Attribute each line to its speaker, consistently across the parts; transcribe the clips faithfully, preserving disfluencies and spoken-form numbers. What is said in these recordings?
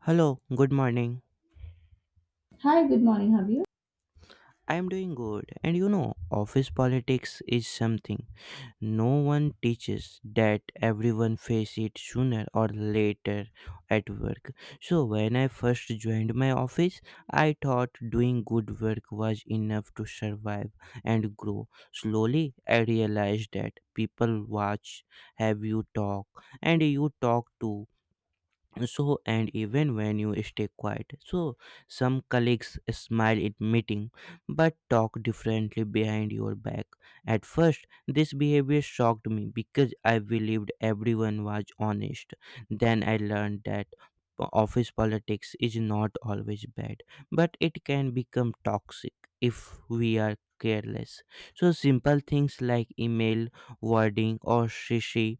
Speaker 1: Hello, good morning.
Speaker 2: Hi, good morning. How are you?
Speaker 1: I am doing good. And you know, office politics is something no one teaches that everyone face it sooner or later at work. So when I first joined my office, I thought doing good work was enough to survive and grow. Slowly, I realized that people watch, have you talk, and you talk too so and even when you stay quiet so some colleagues smile at meeting but talk differently behind your back. At first this behavior shocked me because I believed everyone was honest. Then I learned that po- office politics is not always bad but it can become toxic if we are careless. So simple things like email wording or shishi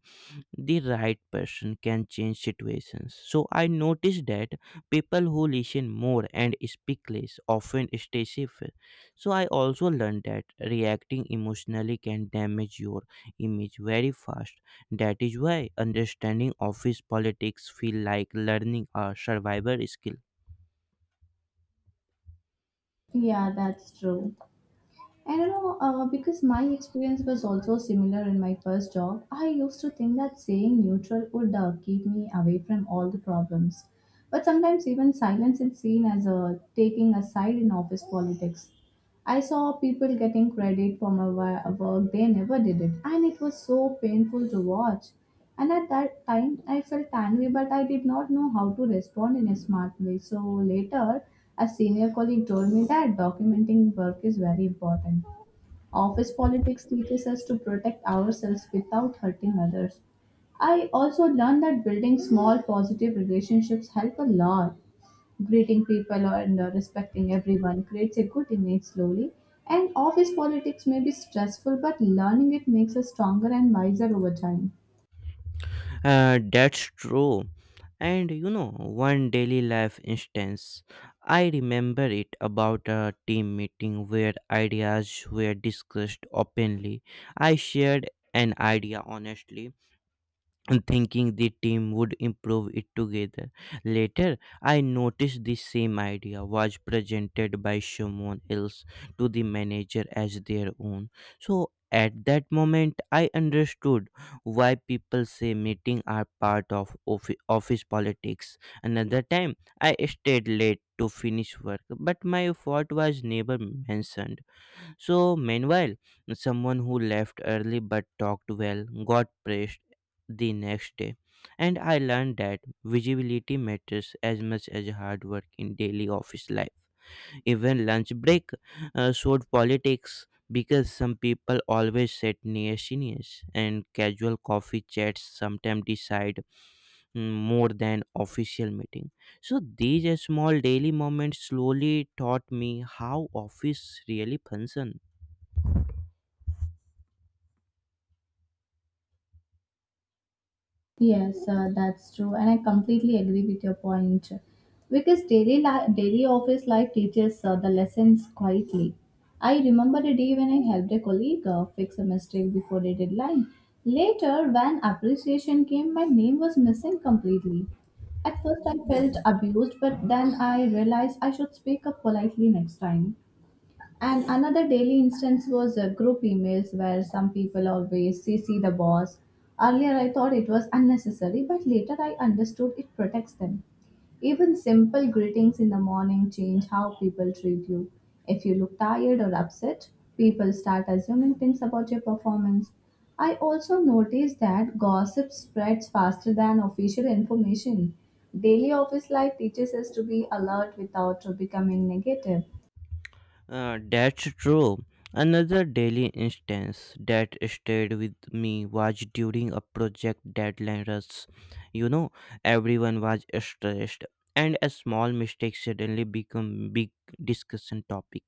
Speaker 1: the right person can change situations. So I noticed that people who listen more and speak less often stay safer. So I also learned that reacting emotionally can damage your image very fast. That is why understanding office politics feel like learning a survivor skill.
Speaker 2: Yeah, that's true. And you know, uh, because my experience was also similar in my first job, I used to think that saying neutral would uh, keep me away from all the problems. But sometimes even silence is seen as a taking a side in office politics. I saw people getting credit for my wa- work, they never did it, and it was so painful to watch. And at that time, I felt angry, but I did not know how to respond in a smart way. So later, a senior colleague told me that documenting work is very important. Office politics teaches us to protect ourselves without hurting others. I also learned that building small positive relationships help a lot greeting people and uh, respecting everyone creates a good image slowly. And office politics may be stressful, but learning it makes us stronger and wiser over time.
Speaker 1: Uh, that's true. And you know, one daily life instance, I remember it about a team meeting where ideas were discussed openly. I shared an idea honestly and thinking the team would improve it together. Later, I noticed the same idea was presented by someone else to the manager as their own. So, at that moment, I understood why people say meetings are part of offi- office politics. Another time, I stayed late to finish work, but my effort was never mentioned. So, meanwhile, someone who left early but talked well got praised the next day. And I learned that visibility matters as much as hard work in daily office life. Even lunch break uh, showed politics because some people always sit near seniors, and casual coffee chats sometimes decide mm, more than official meeting. So these uh, small daily moments slowly taught me how office really functions.
Speaker 2: Yes, uh, that's true, and I completely agree with your point. Because daily li- daily office life teaches uh, the lessons quietly. I remember a day when I helped a colleague uh, fix a mistake before the deadline. Later, when appreciation came, my name was missing completely. At first, I felt abused, but then I realized I should speak up politely next time. And another daily instance was uh, group emails where some people always C C the boss. Earlier, I thought it was unnecessary, but later I understood it protects them. Even simple greetings in the morning change how people treat you. If you look tired or upset, people start assuming things about your performance. I also noticed that gossip spreads faster than official information. Daily office life teaches us to be alert without becoming negative.
Speaker 1: Uh, that's true. Another daily instance that stayed with me was during a project deadline rush. You know, everyone was stressed, and a small mistake suddenly became big discussion topic.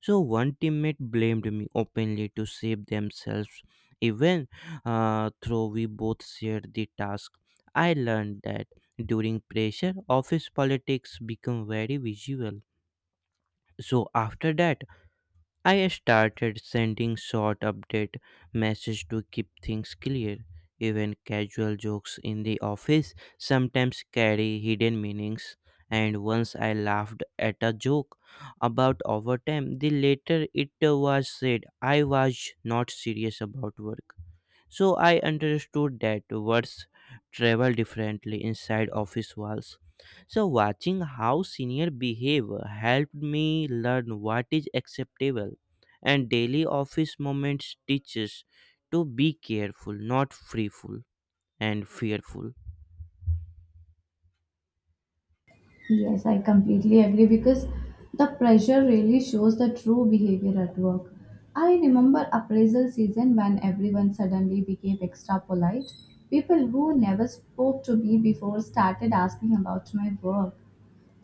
Speaker 1: So one teammate blamed me openly to save themselves, even uh, though we both shared the task. I learned that during pressure, office politics become very visual. So after that. I started sending short update message to keep things clear. Even casual jokes in the office sometimes carry hidden meanings. And once I laughed at a joke about overtime, the later it was said I was not serious about work. So I understood that words travel differently inside office walls. So watching how senior behave helped me learn what is acceptable and daily office moments teaches to be careful, not freeful and fearful.
Speaker 2: Yes, I completely agree because the pressure really shows the true behavior at work. I remember appraisal season when everyone suddenly became extra polite. People who never spoke to me before started asking about my work.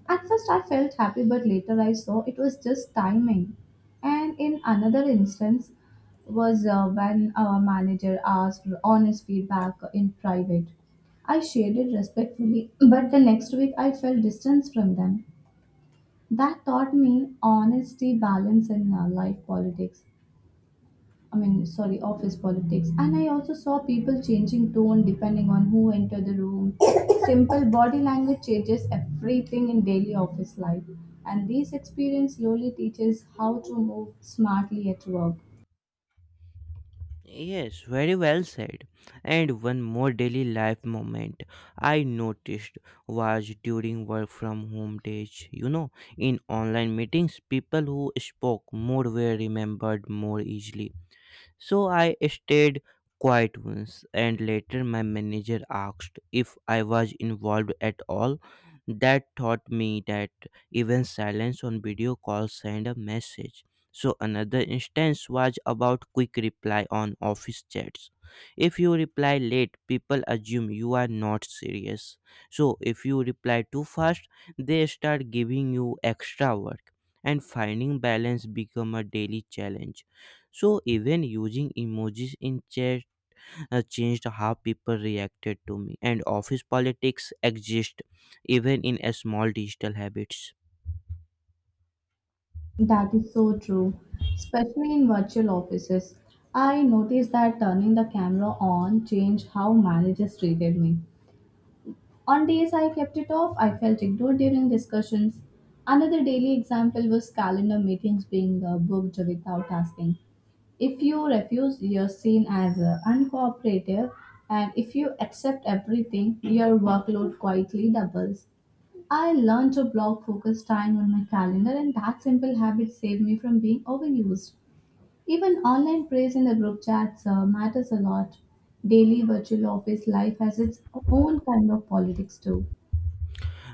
Speaker 2: At first, I felt happy, but later I saw it was just timing. And in another instance, was uh, when our manager asked for honest feedback in private. I shared it respectfully, but the next week I felt distance from them. That taught me honesty, balance, and uh, life politics. I mean, sorry, office politics. And I also saw people changing tone depending on who entered the room. Simple body language changes everything in daily office life. And this experience slowly teaches how to move smartly at work.
Speaker 1: Yes, very well said. And one more daily life moment I noticed was during work from home days. You know, in online meetings, people who spoke more were remembered more easily. So I stayed quiet once, and later my manager asked if I was involved at all. That taught me that even silence on video calls send a message. So another instance was about quick reply on office chats. If you reply late, people assume you are not serious. So if you reply too fast, they start giving you extra work and finding balance become a daily challenge. So even using emojis in chat uh, changed how people reacted to me. And office politics exist even in a small digital habits.
Speaker 2: That is so true, especially in virtual offices. I noticed that turning the camera on changed how managers treated me. On days I kept it off, I felt ignored during discussions. Another daily example was calendar meetings being uh, booked without asking. If you refuse, you're seen as uh, uncooperative, and if you accept everything, your workload quietly doubles. I learned to block focus time on my calendar, and that simple habit saved me from being overused. Even online praise in the group chats uh, matters a lot. Daily virtual office life has its own kind of politics, too.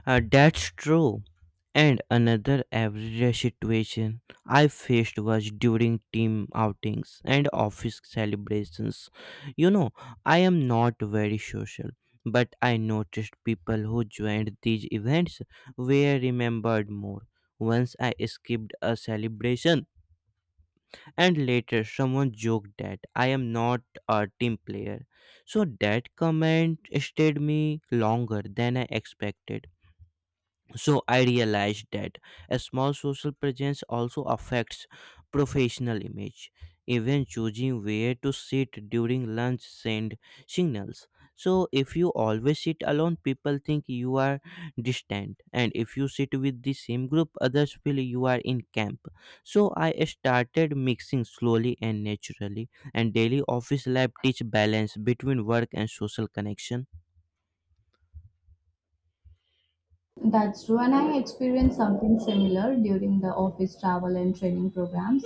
Speaker 1: Uh, that's true. And another average situation I faced was during team outings and office celebrations. You know, I am not very social, but I noticed people who joined these events were remembered more. Once I skipped a celebration and later someone joked that I am not a team player. So that comment stayed me longer than I expected. So I realized that a small social presence also affects professional image. Even choosing where to sit during lunch send signals. So if you always sit alone people think you are distant, and if you sit with the same group others feel you are in camp. So I started mixing slowly and naturally, and daily office life teach balance between work and social connection.
Speaker 2: That's true, and I experienced something similar during the office travel and training programs.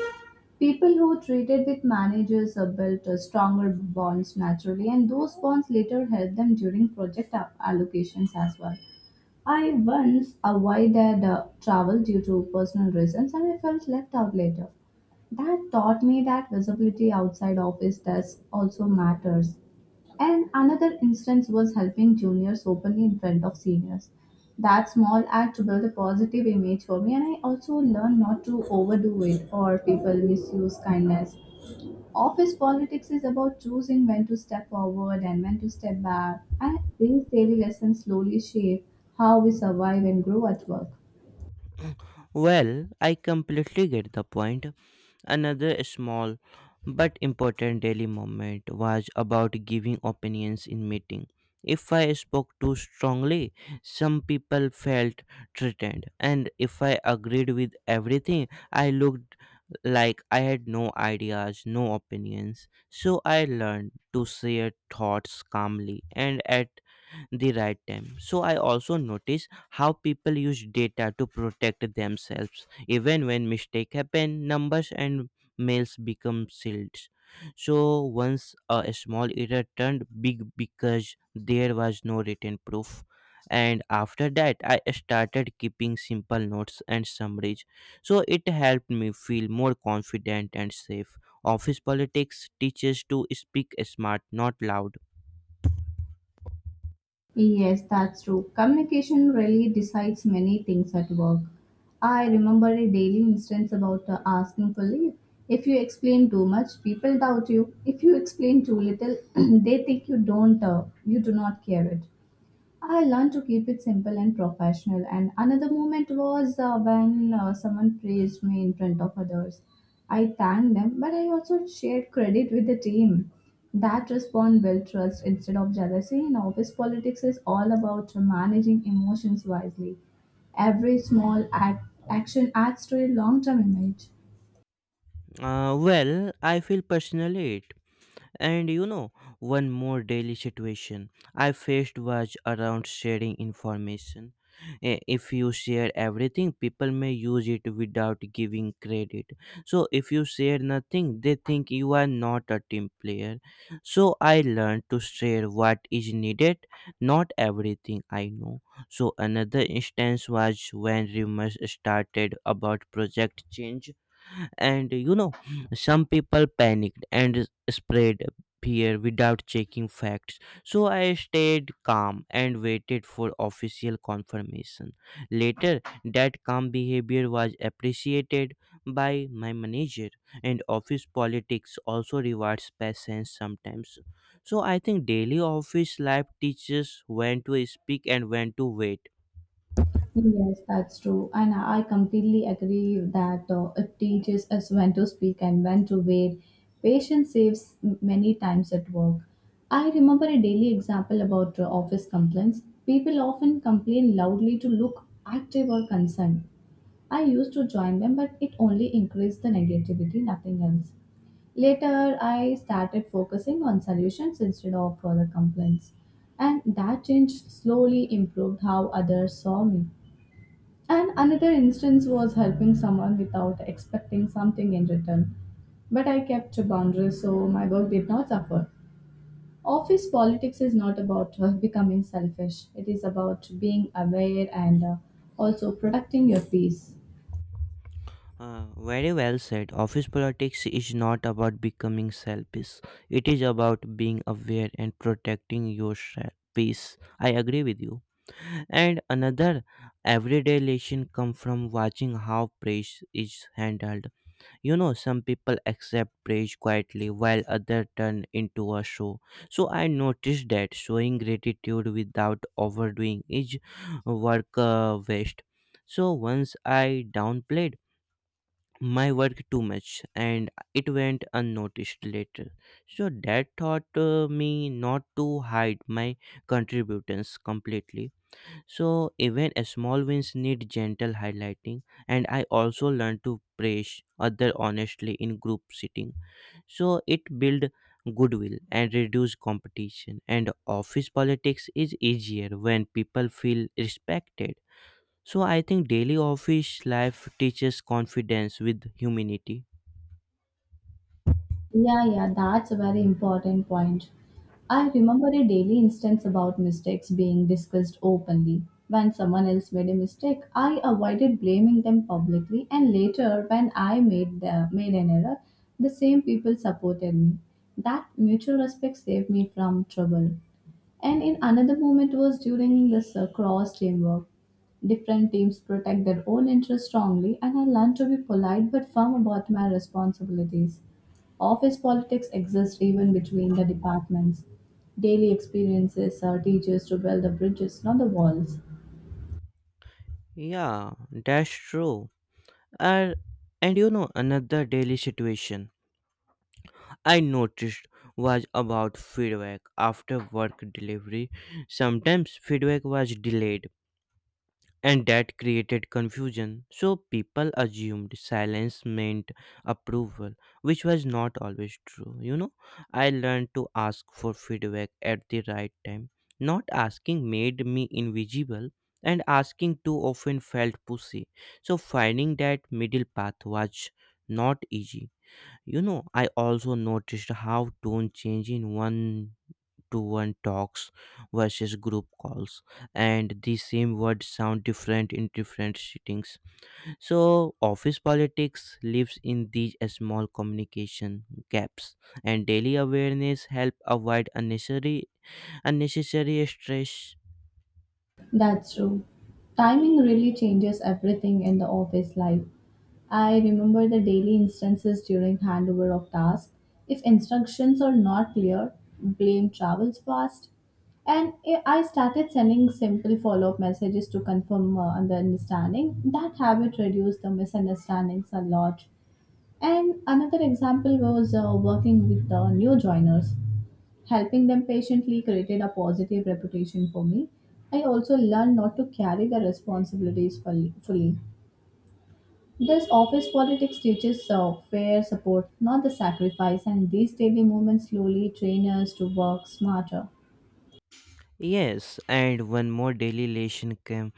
Speaker 2: People who treated with managers uh, built uh, stronger bonds naturally, and those bonds later helped them during project a- allocations as well. I once avoided uh, travel due to personal reasons, and I felt left out later. That taught me that visibility outside office desk also matters. And another instance was helping juniors openly in front of seniors. That small act built a positive image for me, and I also learned not to overdo it or people misuse kindness. Office politics is about choosing when to step forward and when to step back, and these daily lessons slowly shape how we survive and grow at work.
Speaker 1: Well, I completely get the point. Another small but important daily moment was about giving opinions in meeting. If I spoke too strongly, some people felt threatened, and if I agreed with everything, I looked like I had no ideas, no opinions. So I learned to share thoughts calmly, and at the right time. So I also notice how people use data to protect themselves. Even when mistake happen, numbers and mails become sealed. So once a small error turned big because there was no written proof. And after that, I started keeping simple notes and summaries. So it helped me feel more confident and safe. Office politics teaches to speak smart, not loud.
Speaker 2: Yes, that's true. Communication really decides many things at work. I remember a daily instance about uh, asking for leave. If you explain too much, people doubt you. If you explain too little, they think you don't, uh, you do not care it. I learned to keep it simple and professional. And another moment was uh, when uh, someone praised me in front of others. I thanked them, but I also shared credit with the team. That response built trust instead of jealousy. And office politics is all about managing emotions wisely. Every small act, action adds to a long term image.
Speaker 1: Uh, well, I feel personally it. And you know, one more daily situation I faced was around sharing information. Eh, If you share everything, people may use it without giving credit. So, if you share nothing, they think you are not a team player. So, I learned to share what is needed, not everything I know. So, another instance was when rumors started about project change and you know some people panicked and spread fear without checking facts. So I stayed calm and waited for official confirmation. Later that calm behavior was appreciated by my manager, and office politics also rewards patience sometimes. So I think daily office life teaches when to speak and when to wait.
Speaker 2: Yes, that's true. And I I completely agree that uh, it teaches us when to speak and when to wait. Patience saves m- many times at work. I remember a daily example about uh, office complaints. People often complain loudly to look active or concerned. I used to join them, but it only increased the negativity, nothing else. Later, I started focusing on solutions instead of further complaints. And that change slowly improved how others saw me. And another instance was helping someone without expecting something in return. But I kept to boundaries so my work did not suffer. Office politics is not about uh, becoming selfish, it is about being aware and uh, also protecting your peace.
Speaker 1: Uh, very well said. Office politics is not about becoming selfish. It is about being aware and protecting your se- peace. I agree with you. And another everyday lesson come from watching how praise is handled. You know, some people accept praise quietly while others turn into a show. So I noticed that showing gratitude without overdoing is work uh, waste. So once I downplayed my work too much and it went unnoticed later. So that taught uh, me not to hide my contributions completely. So even small wins need gentle highlighting, and I also learned to praise other honestly in group sitting. So it build goodwill and reduce competition, and office politics is easier when people feel respected. So I think daily office life teaches confidence with humanity.
Speaker 2: Yeah, yeah, that's a very important point. I remember a daily instance about mistakes being discussed openly. When someone else made a mistake, I avoided blaming them publicly, and later, when I made the, made an error, the same people supported me. That mutual respect saved me from trouble. And in another moment was during this uh, cross teamwork. Different teams protect their own interests strongly, and I learned to be polite but firm about my responsibilities. Office politics exists even between the departments. Daily experiences uh, teach us to build the bridges, not the walls.
Speaker 1: Yeah, that's true. And and you know another daily situation I noticed was about feedback after work delivery. Sometimes feedback was delayed and that created confusion. So people assumed silence meant approval, which was not always true. You know, I learned to ask for feedback at the right time. Not asking made me invisible, and asking too often felt pushy. So finding that middle path was not easy. You know, I also noticed how tone change in one to one talks versus group calls, and the same words sound different in different settings. So office politics lives in these small communication gaps, and daily awareness help avoid unnecessary unnecessary stress.
Speaker 2: That's true. Timing really changes everything in the office life. I remember the daily instances during handover of tasks. If instructions are not clear, blame travels fast. And I I started sending simple follow up messages to confirm uh, the understanding. That habit reduced the misunderstandings a lot. And another example was uh, working with the new joiners. Helping them patiently created a positive reputation for me. I also learned not to carry the responsibilities fully. fully. This office politics teaches uh, fair support, not the sacrifice, and these daily movements slowly train us to work smarter.
Speaker 1: Yes, and one more daily lesson came.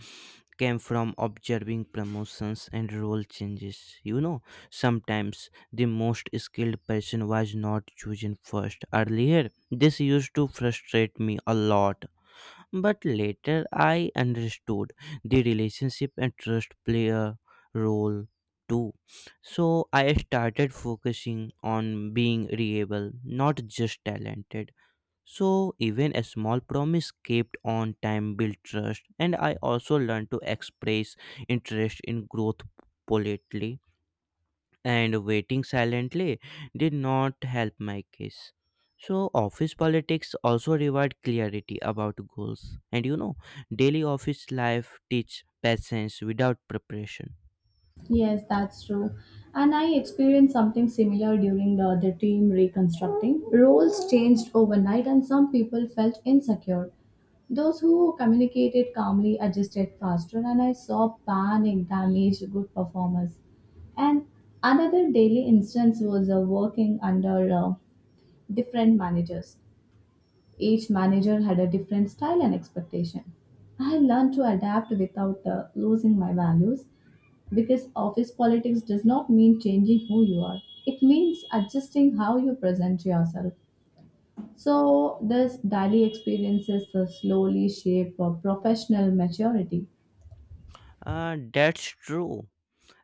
Speaker 1: came from observing promotions and role changes. You know, sometimes the most skilled person was not chosen first. Earlier, this used to frustrate me a lot, but later I understood the relationship and trust play a role too. So I started focusing on being reliable, not just talented. So even a small promise kept on time built trust, and I also learned to express interest in growth politely, and waiting silently did not help my case. So office politics also reward clarity about goals, and you know, daily office life teach patience without preparation.
Speaker 2: Yes, that's true. And I experienced something similar during the, the team reconstructing. Roles changed overnight, and some people felt insecure. Those who communicated calmly adjusted faster, and I saw panic damage good performers. And another daily instance was uh, working under uh, different managers. Each manager had a different style and expectation. I learned to adapt without uh, losing my values. Because office politics does not mean changing who you are, it means adjusting how you present yourself. So, this daily experiences uh, slowly shape uh, professional maturity.
Speaker 1: Uh, that's true.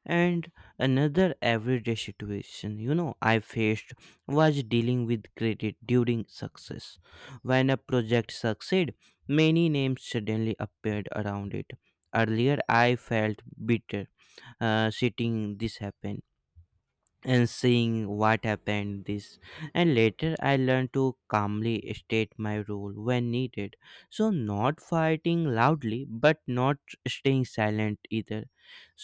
Speaker 1: And another everyday situation, you know, I faced was dealing with credit during success. When a project succeeded, many names suddenly appeared around it. Earlier, I felt bitter, uh, sitting this happen and seeing what happened this, and later I learned to calmly state my role when needed. So not fighting loudly but not staying silent either.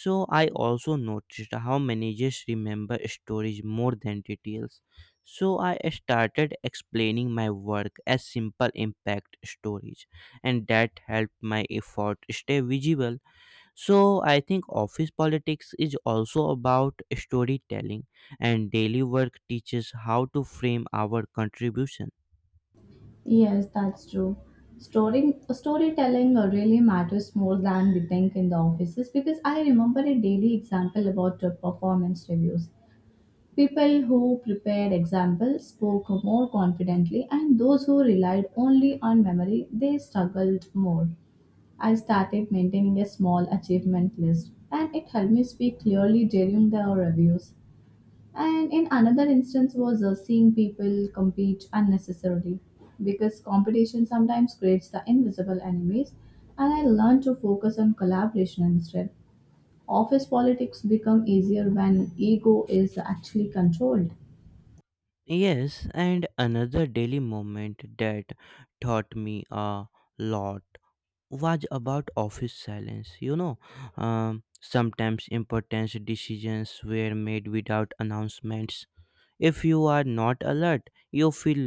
Speaker 1: So I also noticed how managers remember stories more than details. So I started explaining my work as simple impact stories, and that helped my effort stay visible. So I think office politics is also about storytelling, and daily work teaches how to frame our contribution.
Speaker 2: Yes, that's true. Storing, storytelling uh, really matters more than we think in the offices because I remember a daily example about uh, performance reviews. People who prepared examples spoke more confidently, and those who relied only on memory they struggled more. I started maintaining a small achievement list and it helped me speak clearly during the reviews. And in another instance was uh, seeing people compete unnecessarily because competition sometimes creates the invisible enemies and I learned to focus on collaboration instead. Office politics become easier when ego is actually controlled.
Speaker 1: Yes, and another daily moment that taught me a lot was about office silence. You know, um, sometimes important decisions were made without announcements. If you are not alert, you feel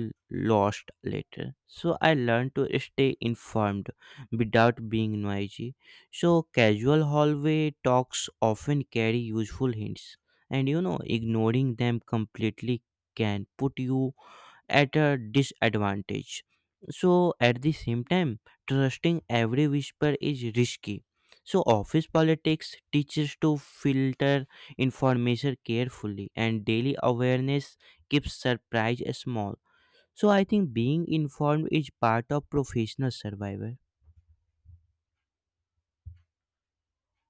Speaker 1: lost later. So I learned to stay informed without being noisy. So casual hallway talks often carry useful hints, and you know, ignoring them completely can put you at a disadvantage. So, at the same time, trusting every whisper is risky. So, office politics teaches to filter information carefully, and daily awareness keeps surprise small. So, I think being informed is part of professional survival.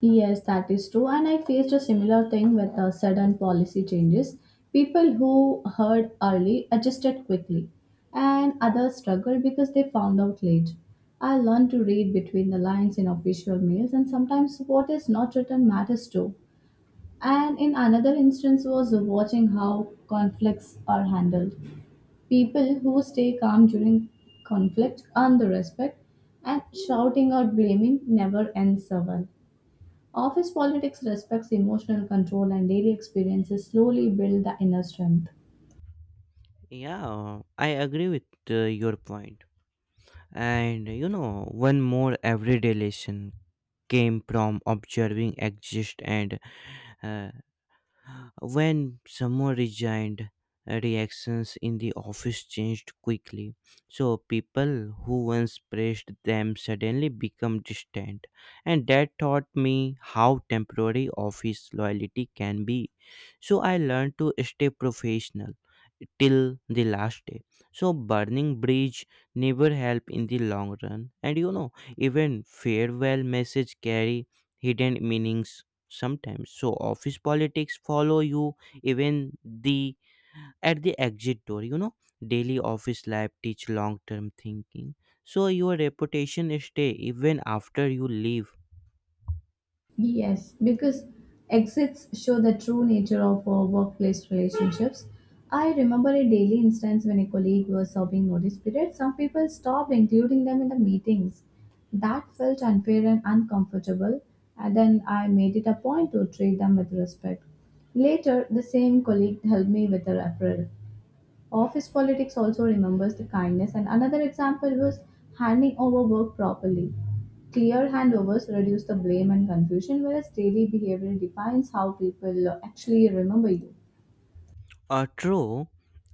Speaker 2: Yes, that is true. And I faced a similar thing with the sudden policy changes. People who heard early adjusted quickly, and others struggled because they found out late. I learned to read between the lines in official mails, and sometimes what is not written matters too. And in another instance, was watching how conflicts are handled. People who stay calm during conflict earn the respect, and shouting or blaming never ends well. Office politics respects emotional control, and daily experiences slowly build the inner strength.
Speaker 1: Yeah, I agree with uh, your point. And you know, one more everyday lesson came from observing exist and uh, when someone resigned, reactions in the office changed quickly. So people who once praised them suddenly become distant. And that taught me how temporary office loyalty can be. So I learned to stay professional till the last day. So burning bridge never help in the long run. And you know, even farewell message carry hidden meanings sometimes, so office politics follow you even the at the exit door, you know, daily office life teach long term thinking, so your reputation stay even after you leave.
Speaker 2: Yes, because exits show the true nature of uh, workplace relationships. I remember a daily instance when a colleague was serving notice period. Some people stopped including them in the meetings. That felt unfair and uncomfortable, and then I made it a point to treat them with respect. Later, the same colleague helped me with a referral. Office politics also remembers the kindness, and another example was handing over work properly. Clear handovers reduce the blame and confusion, whereas daily behavior defines how people uh, actually remember you.
Speaker 1: Uh, true.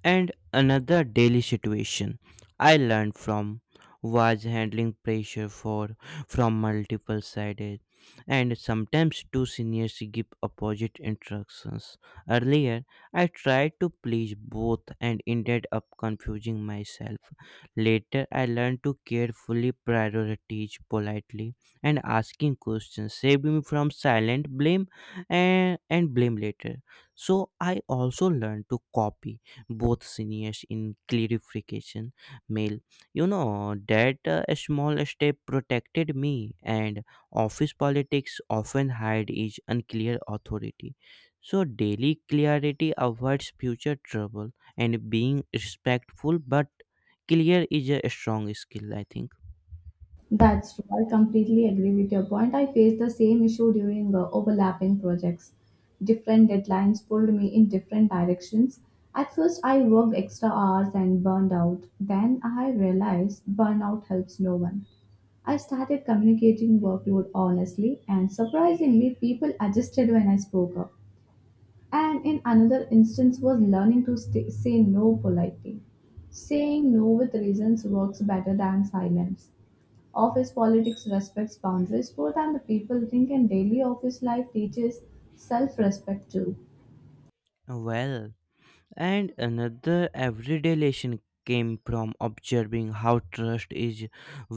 Speaker 1: And another daily situation I learned from was handling pressure for from multiple sides, and sometimes two seniors give opposite instructions. Earlier, I tried to please both and ended up confusing myself. Later I learned to carefully prioritize politely and asking questions saved me from silent blame and, and blame later. So I also learned to copy both seniors in clarification mail. You know that uh, small step protected me, and office politics often hide is unclear authority. So daily clarity avoids future trouble, and being respectful but clear is a strong skill, I think.
Speaker 2: That's true. I completely agree with your point. I faced the same issue during uh, overlapping projects. Different deadlines pulled me in different directions. At first, I worked extra hours and burned out. Then I realized burnout helps no one. I started communicating workload honestly, and surprisingly, people adjusted when I spoke up. And in another instance, was learning to st- say no politely. Saying no with reasons works better than silence. Office politics respects boundaries more than the people think, and daily office life teaches self respect too.
Speaker 1: Well, And another everyday lesson came from observing how trust is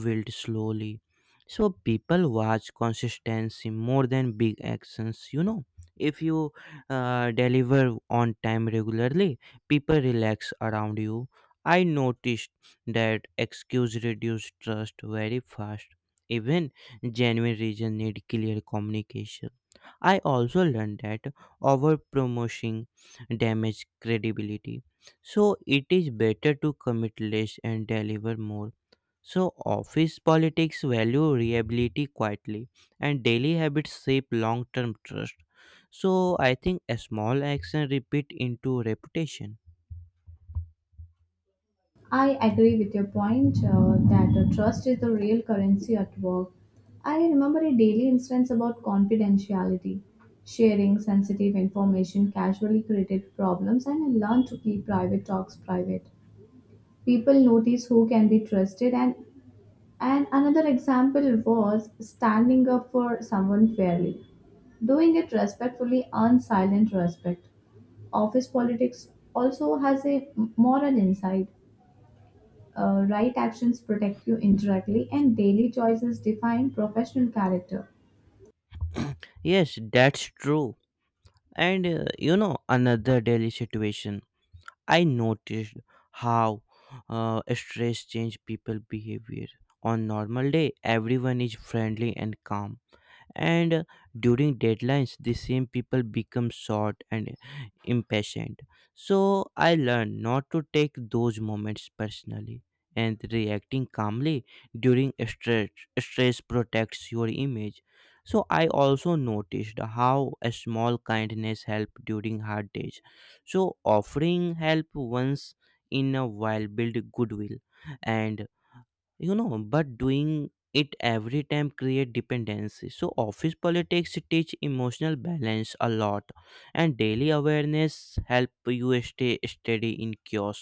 Speaker 1: built slowly. So people watch consistency more than big actions, you know. If you uh, deliver on time regularly, people relax around you. I noticed that excuse reduce trust very fast. Even genuine reason need clear communication. I also learned that over damage credibility. So it is better to commit less and deliver more. So office politics value reliability quietly and daily habits shape long-term trust. So I think a small action repeat into reputation.
Speaker 2: I agree with your point uh, that uh, trust is the real currency at work. I remember a daily instance about confidentiality. Sharing sensitive information casually created problems, and I learned to keep private talks private. People notice who can be trusted, and, and another example was standing up for someone fairly. Doing it respectfully earns silent respect. Office politics also has a moral inside. Uh, right actions protect you indirectly, and daily choices define professional character.
Speaker 1: Yes, that's true. And uh, you know, another daily situation. I noticed how uh, stress change people behavior. On normal day, everyone is friendly and calm and uh, during deadlines the same people become short and impatient, so I learned not to take those moments personally and reacting calmly during stress stress protects your image. So I also noticed how a small kindness help during hard days, so offering help once in a while build goodwill, and you know but doing it every time create dependency, so office politics teach emotional balance a lot and daily awareness help you stay steady in chaos.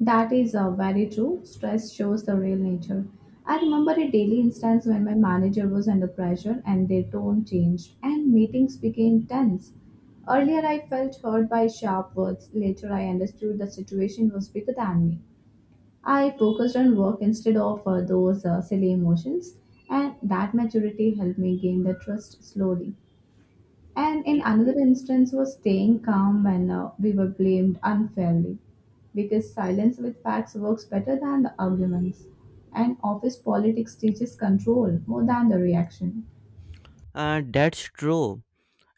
Speaker 2: That is uh, very true. Stress shows the real nature. I remember a daily instance when my manager was under pressure and their tone changed, and meetings became tense. Earlier, I felt hurt by sharp words. Later, I understood the situation was bigger than me. I focused on work instead of uh, those uh, silly emotions, and that maturity helped me gain the trust slowly. And in
Speaker 1: Y-
Speaker 2: another instance was staying calm when uh, we were blamed unfairly because silence with facts works better than the arguments. And office politics teaches control more than the reaction.
Speaker 1: uh, that's true,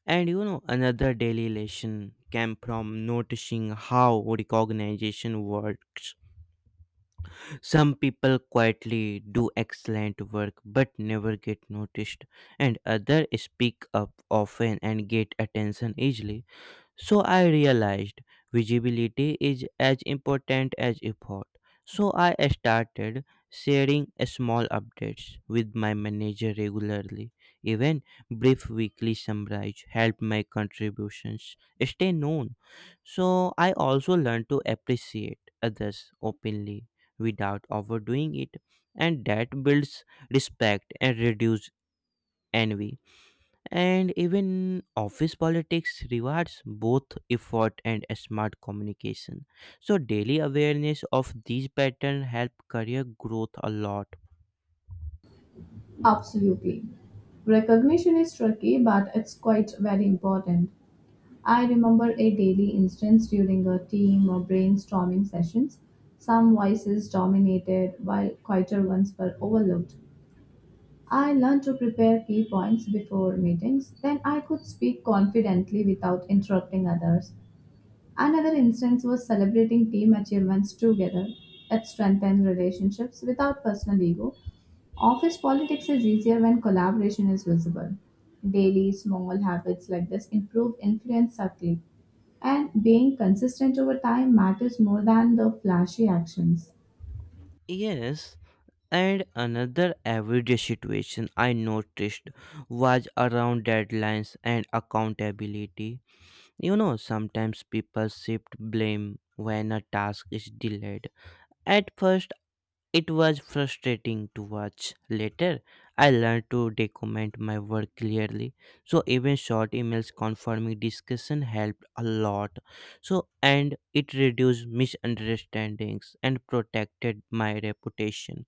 Speaker 1: and you know another daily lesson came from noticing how recognition works. Some people quietly do excellent work but never get noticed, and others speak up often and get attention easily. So I realized visibility is as important as effort. So I started sharing small updates with my manager regularly. Even brief weekly summarize help my contributions stay known. So I also learned to appreciate others openly without overdoing it, and that builds respect and reduce envy, and even office politics rewards both effort and smart communication. So daily awareness of these patterns help career growth a lot.
Speaker 2: Absolutely. Recognition is tricky, but it's quite very important. I remember a daily instance during a team or brainstorming sessions. Some voices dominated while quieter ones were overlooked. I learned to prepare key points before meetings, then I could speak confidently without interrupting others. Another instance was celebrating team achievements together. It strengthened relationships without personal ego. Office politics is easier when collaboration is visible. Daily small habits like this improve influence subtly, and being consistent over time matters more than the flashy actions.
Speaker 1: Yes, and another everyday situation I noticed was around deadlines and accountability. You know, sometimes people shift blame when a task is delayed. At first it was frustrating to watch. Later, I learned to document my work clearly. So even short emails confirming discussion helped a lot. So and it reduced misunderstandings and protected my reputation.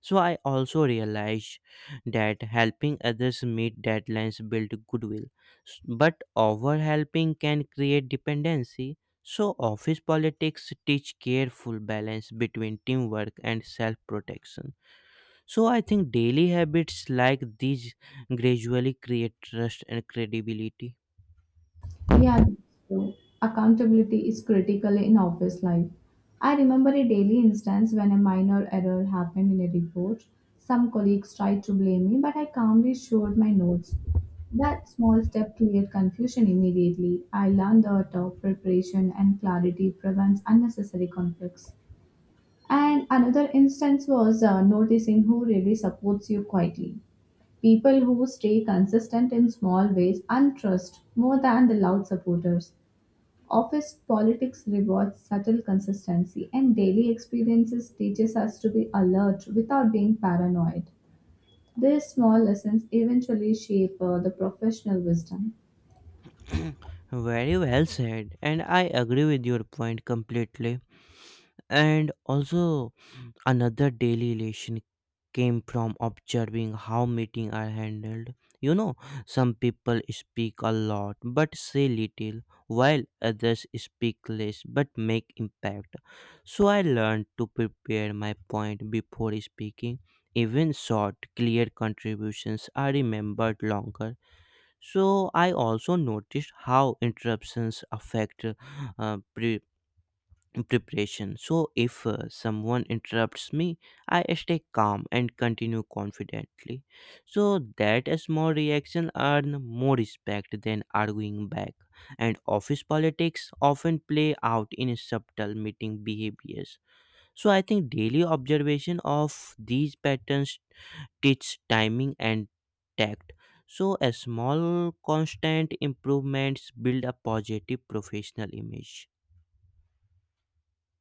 Speaker 1: So I also realized that helping others meet deadlines build goodwill. S- But over helping can create dependency, so office politics teach careful balance between teamwork and self protection. So, I think daily habits like these gradually create trust and credibility.
Speaker 2: Yeah, that's true. Accountability is critical in office life. I remember a daily instance when a minor error happened in a report. Some colleagues tried to blame me, but I calmly showed my notes. That small step cleared confusion immediately. I learned the art of preparation and clarity prevents unnecessary conflicts. And another instance was uh, noticing who really supports you quietly. People who stay consistent in small ways and trust more than the loud supporters. Office politics rewards subtle consistency, and daily experiences teaches us to be alert without being paranoid. These small lessons eventually shape uh, the professional wisdom.
Speaker 1: Very well said, and I agree with your point completely. And also, another daily relation came from observing how meetings are handled. You know, some people speak a lot but say little, while others speak less but make impact. So I learned to prepare my point before speaking. Even short, clear contributions are remembered longer. So I also noticed how interruptions affect uh, preparation. So if uh, someone interrupts me, I stay calm and continue confidently. So that a small reaction earn more respect than arguing back. And office politics often play out in subtle meeting behaviors. So I think daily observation of these patterns teach timing and tact. So a small constant improvements build a positive professional image.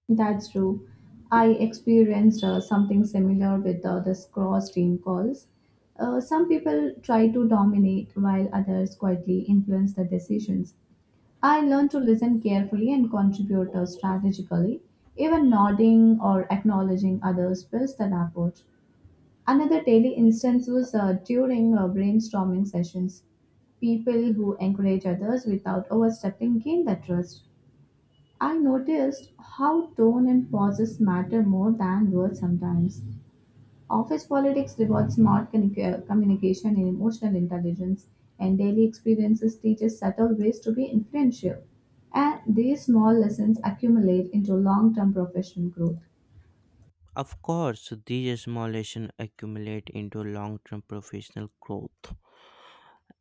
Speaker 2: That's true. I experienced uh, something similar with uh, this cross team calls. Uh, some people try to dominate while others quietly influence the decisions. I learned to listen carefully and contribute uh, strategically, even nodding or acknowledging others builds that approach. Another daily instance was uh, during uh, brainstorming sessions. People who encourage others without overstepping gain that trust. I noticed how tone and pauses matter more than words sometimes. Office politics rewards smart communica- communication and emotional intelligence, and daily experiences teaches subtle ways to be influential. And these small lessons accumulate into long term professional growth.
Speaker 1: Of course, these small lessons accumulate into long term professional growth.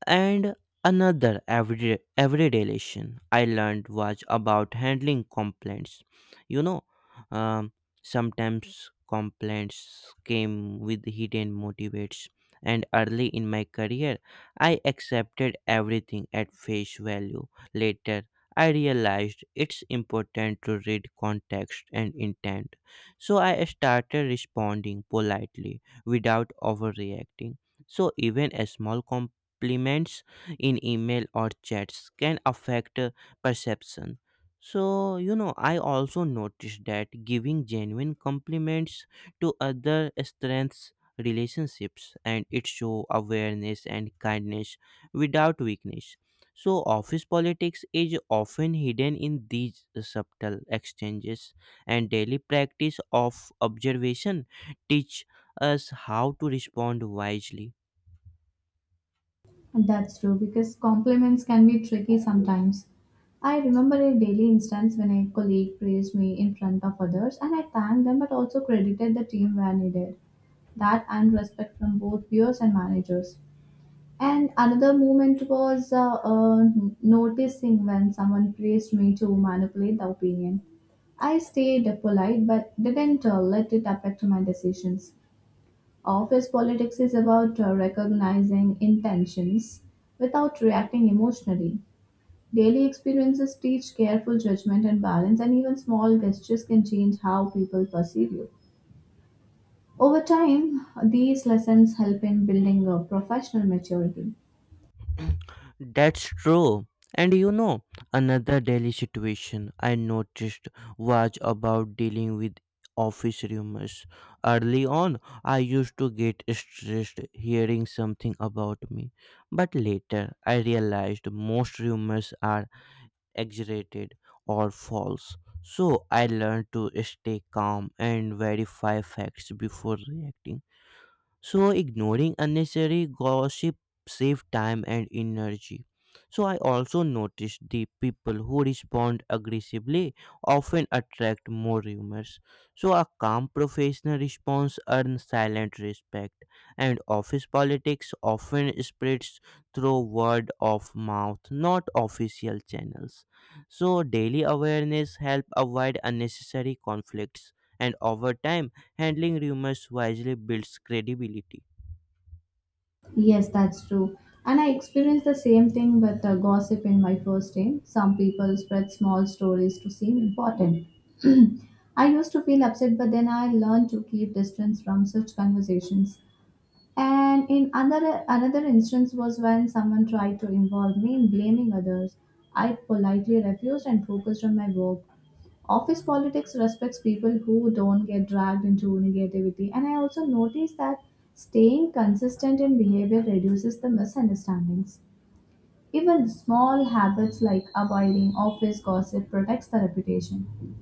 Speaker 1: And another everyday, everyday lesson I learned was about handling complaints. You know, um, sometimes complaints came with hidden motivates, and early in my career, I accepted everything at face value. Later, I realized it's important to read context and intent. So I started responding politely without overreacting. So even a small complaint compliments in email or chats can affect uh, perception. So, you know, I also noticed that giving genuine compliments to other strengths relationships and it show awareness and kindness without weakness. So, office politics is often hidden in these subtle exchanges, and daily practice of observation teach us how to respond wisely.
Speaker 2: And that's true because compliments can be tricky sometimes. I remember a daily instance when a colleague praised me in front of others, and I thanked them but also credited the team where needed. That earned respect from both peers and managers. And another moment was uh, uh, noticing when someone praised me to manipulate the opinion. I stayed polite but didn't uh, let it affect my decisions. Office politics is about uh, recognizing intentions without reacting emotionally. Daily experiences teach careful judgment and balance, and even small gestures can change how people perceive you. Over time, these lessons help in building a professional maturity.
Speaker 1: That's true. And you know, another daily situation I noticed was about dealing with office rumors. Early on, I used to get stressed hearing something about me, but later I realized most rumors are exaggerated or false. So I learned to stay calm and verify facts before reacting. So ignoring unnecessary gossip saves time and energy. So I also noticed the people who respond aggressively often attract more rumors. So a calm professional response earns silent respect, and office politics often spreads through word of mouth, not official channels. So daily awareness help avoid unnecessary conflicts, and over time handling rumors wisely builds credibility.
Speaker 2: Yes, that's true. And I experienced the same thing with uh, gossip in my first day. Some people spread small stories to seem important. I used to feel upset, but then I learned to keep distance from such conversations. And in another another instance was when someone tried to involve me in blaming others. I politely refused and focused on my work. Office politics respects people who don't get dragged into negativity, and I also notice that staying consistent in behavior reduces the misunderstandings. Even small habits like avoiding office gossip protects the reputation.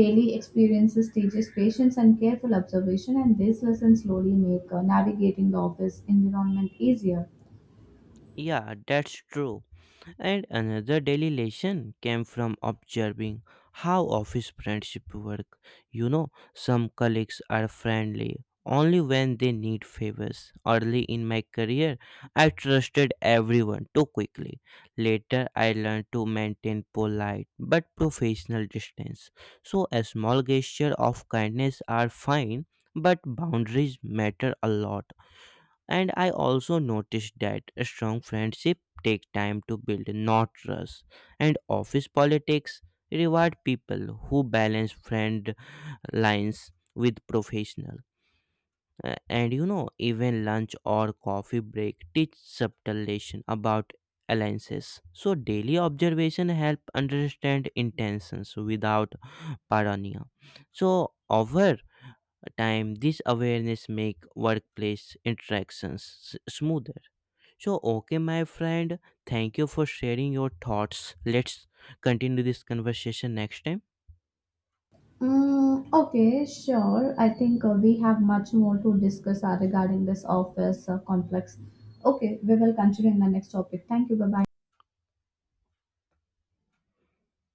Speaker 2: Daily experiences teaches patience and careful observation, and these lessons slowly make uh, navigating the office environment easier.
Speaker 1: Yeah, that's true. And another daily lesson came from observing how office friendship work. You know, some colleagues are friendly only when they need favors. Early in my career, I trusted everyone too quickly. Later, I learned to maintain polite but professional distance. So, a small gesture of kindness are fine, but boundaries matter a lot, and I also noticed that a strong friendship take time to build not trust, and office politics reward people who balance friend lines with professional Uh, and you know even lunch or coffee break teach subtle lesson about alliances, so daily observation help understand intentions without paranoia, so over time this awareness make workplace interactions s- smoother. So, okay, my friend, thank you for sharing your thoughts. Let's continue this conversation next time.
Speaker 2: Mm, okay, sure. I think uh, we have much more to discuss uh, regarding this office uh, complex. Okay, we will continue in the next topic. Thank you. Bye bye.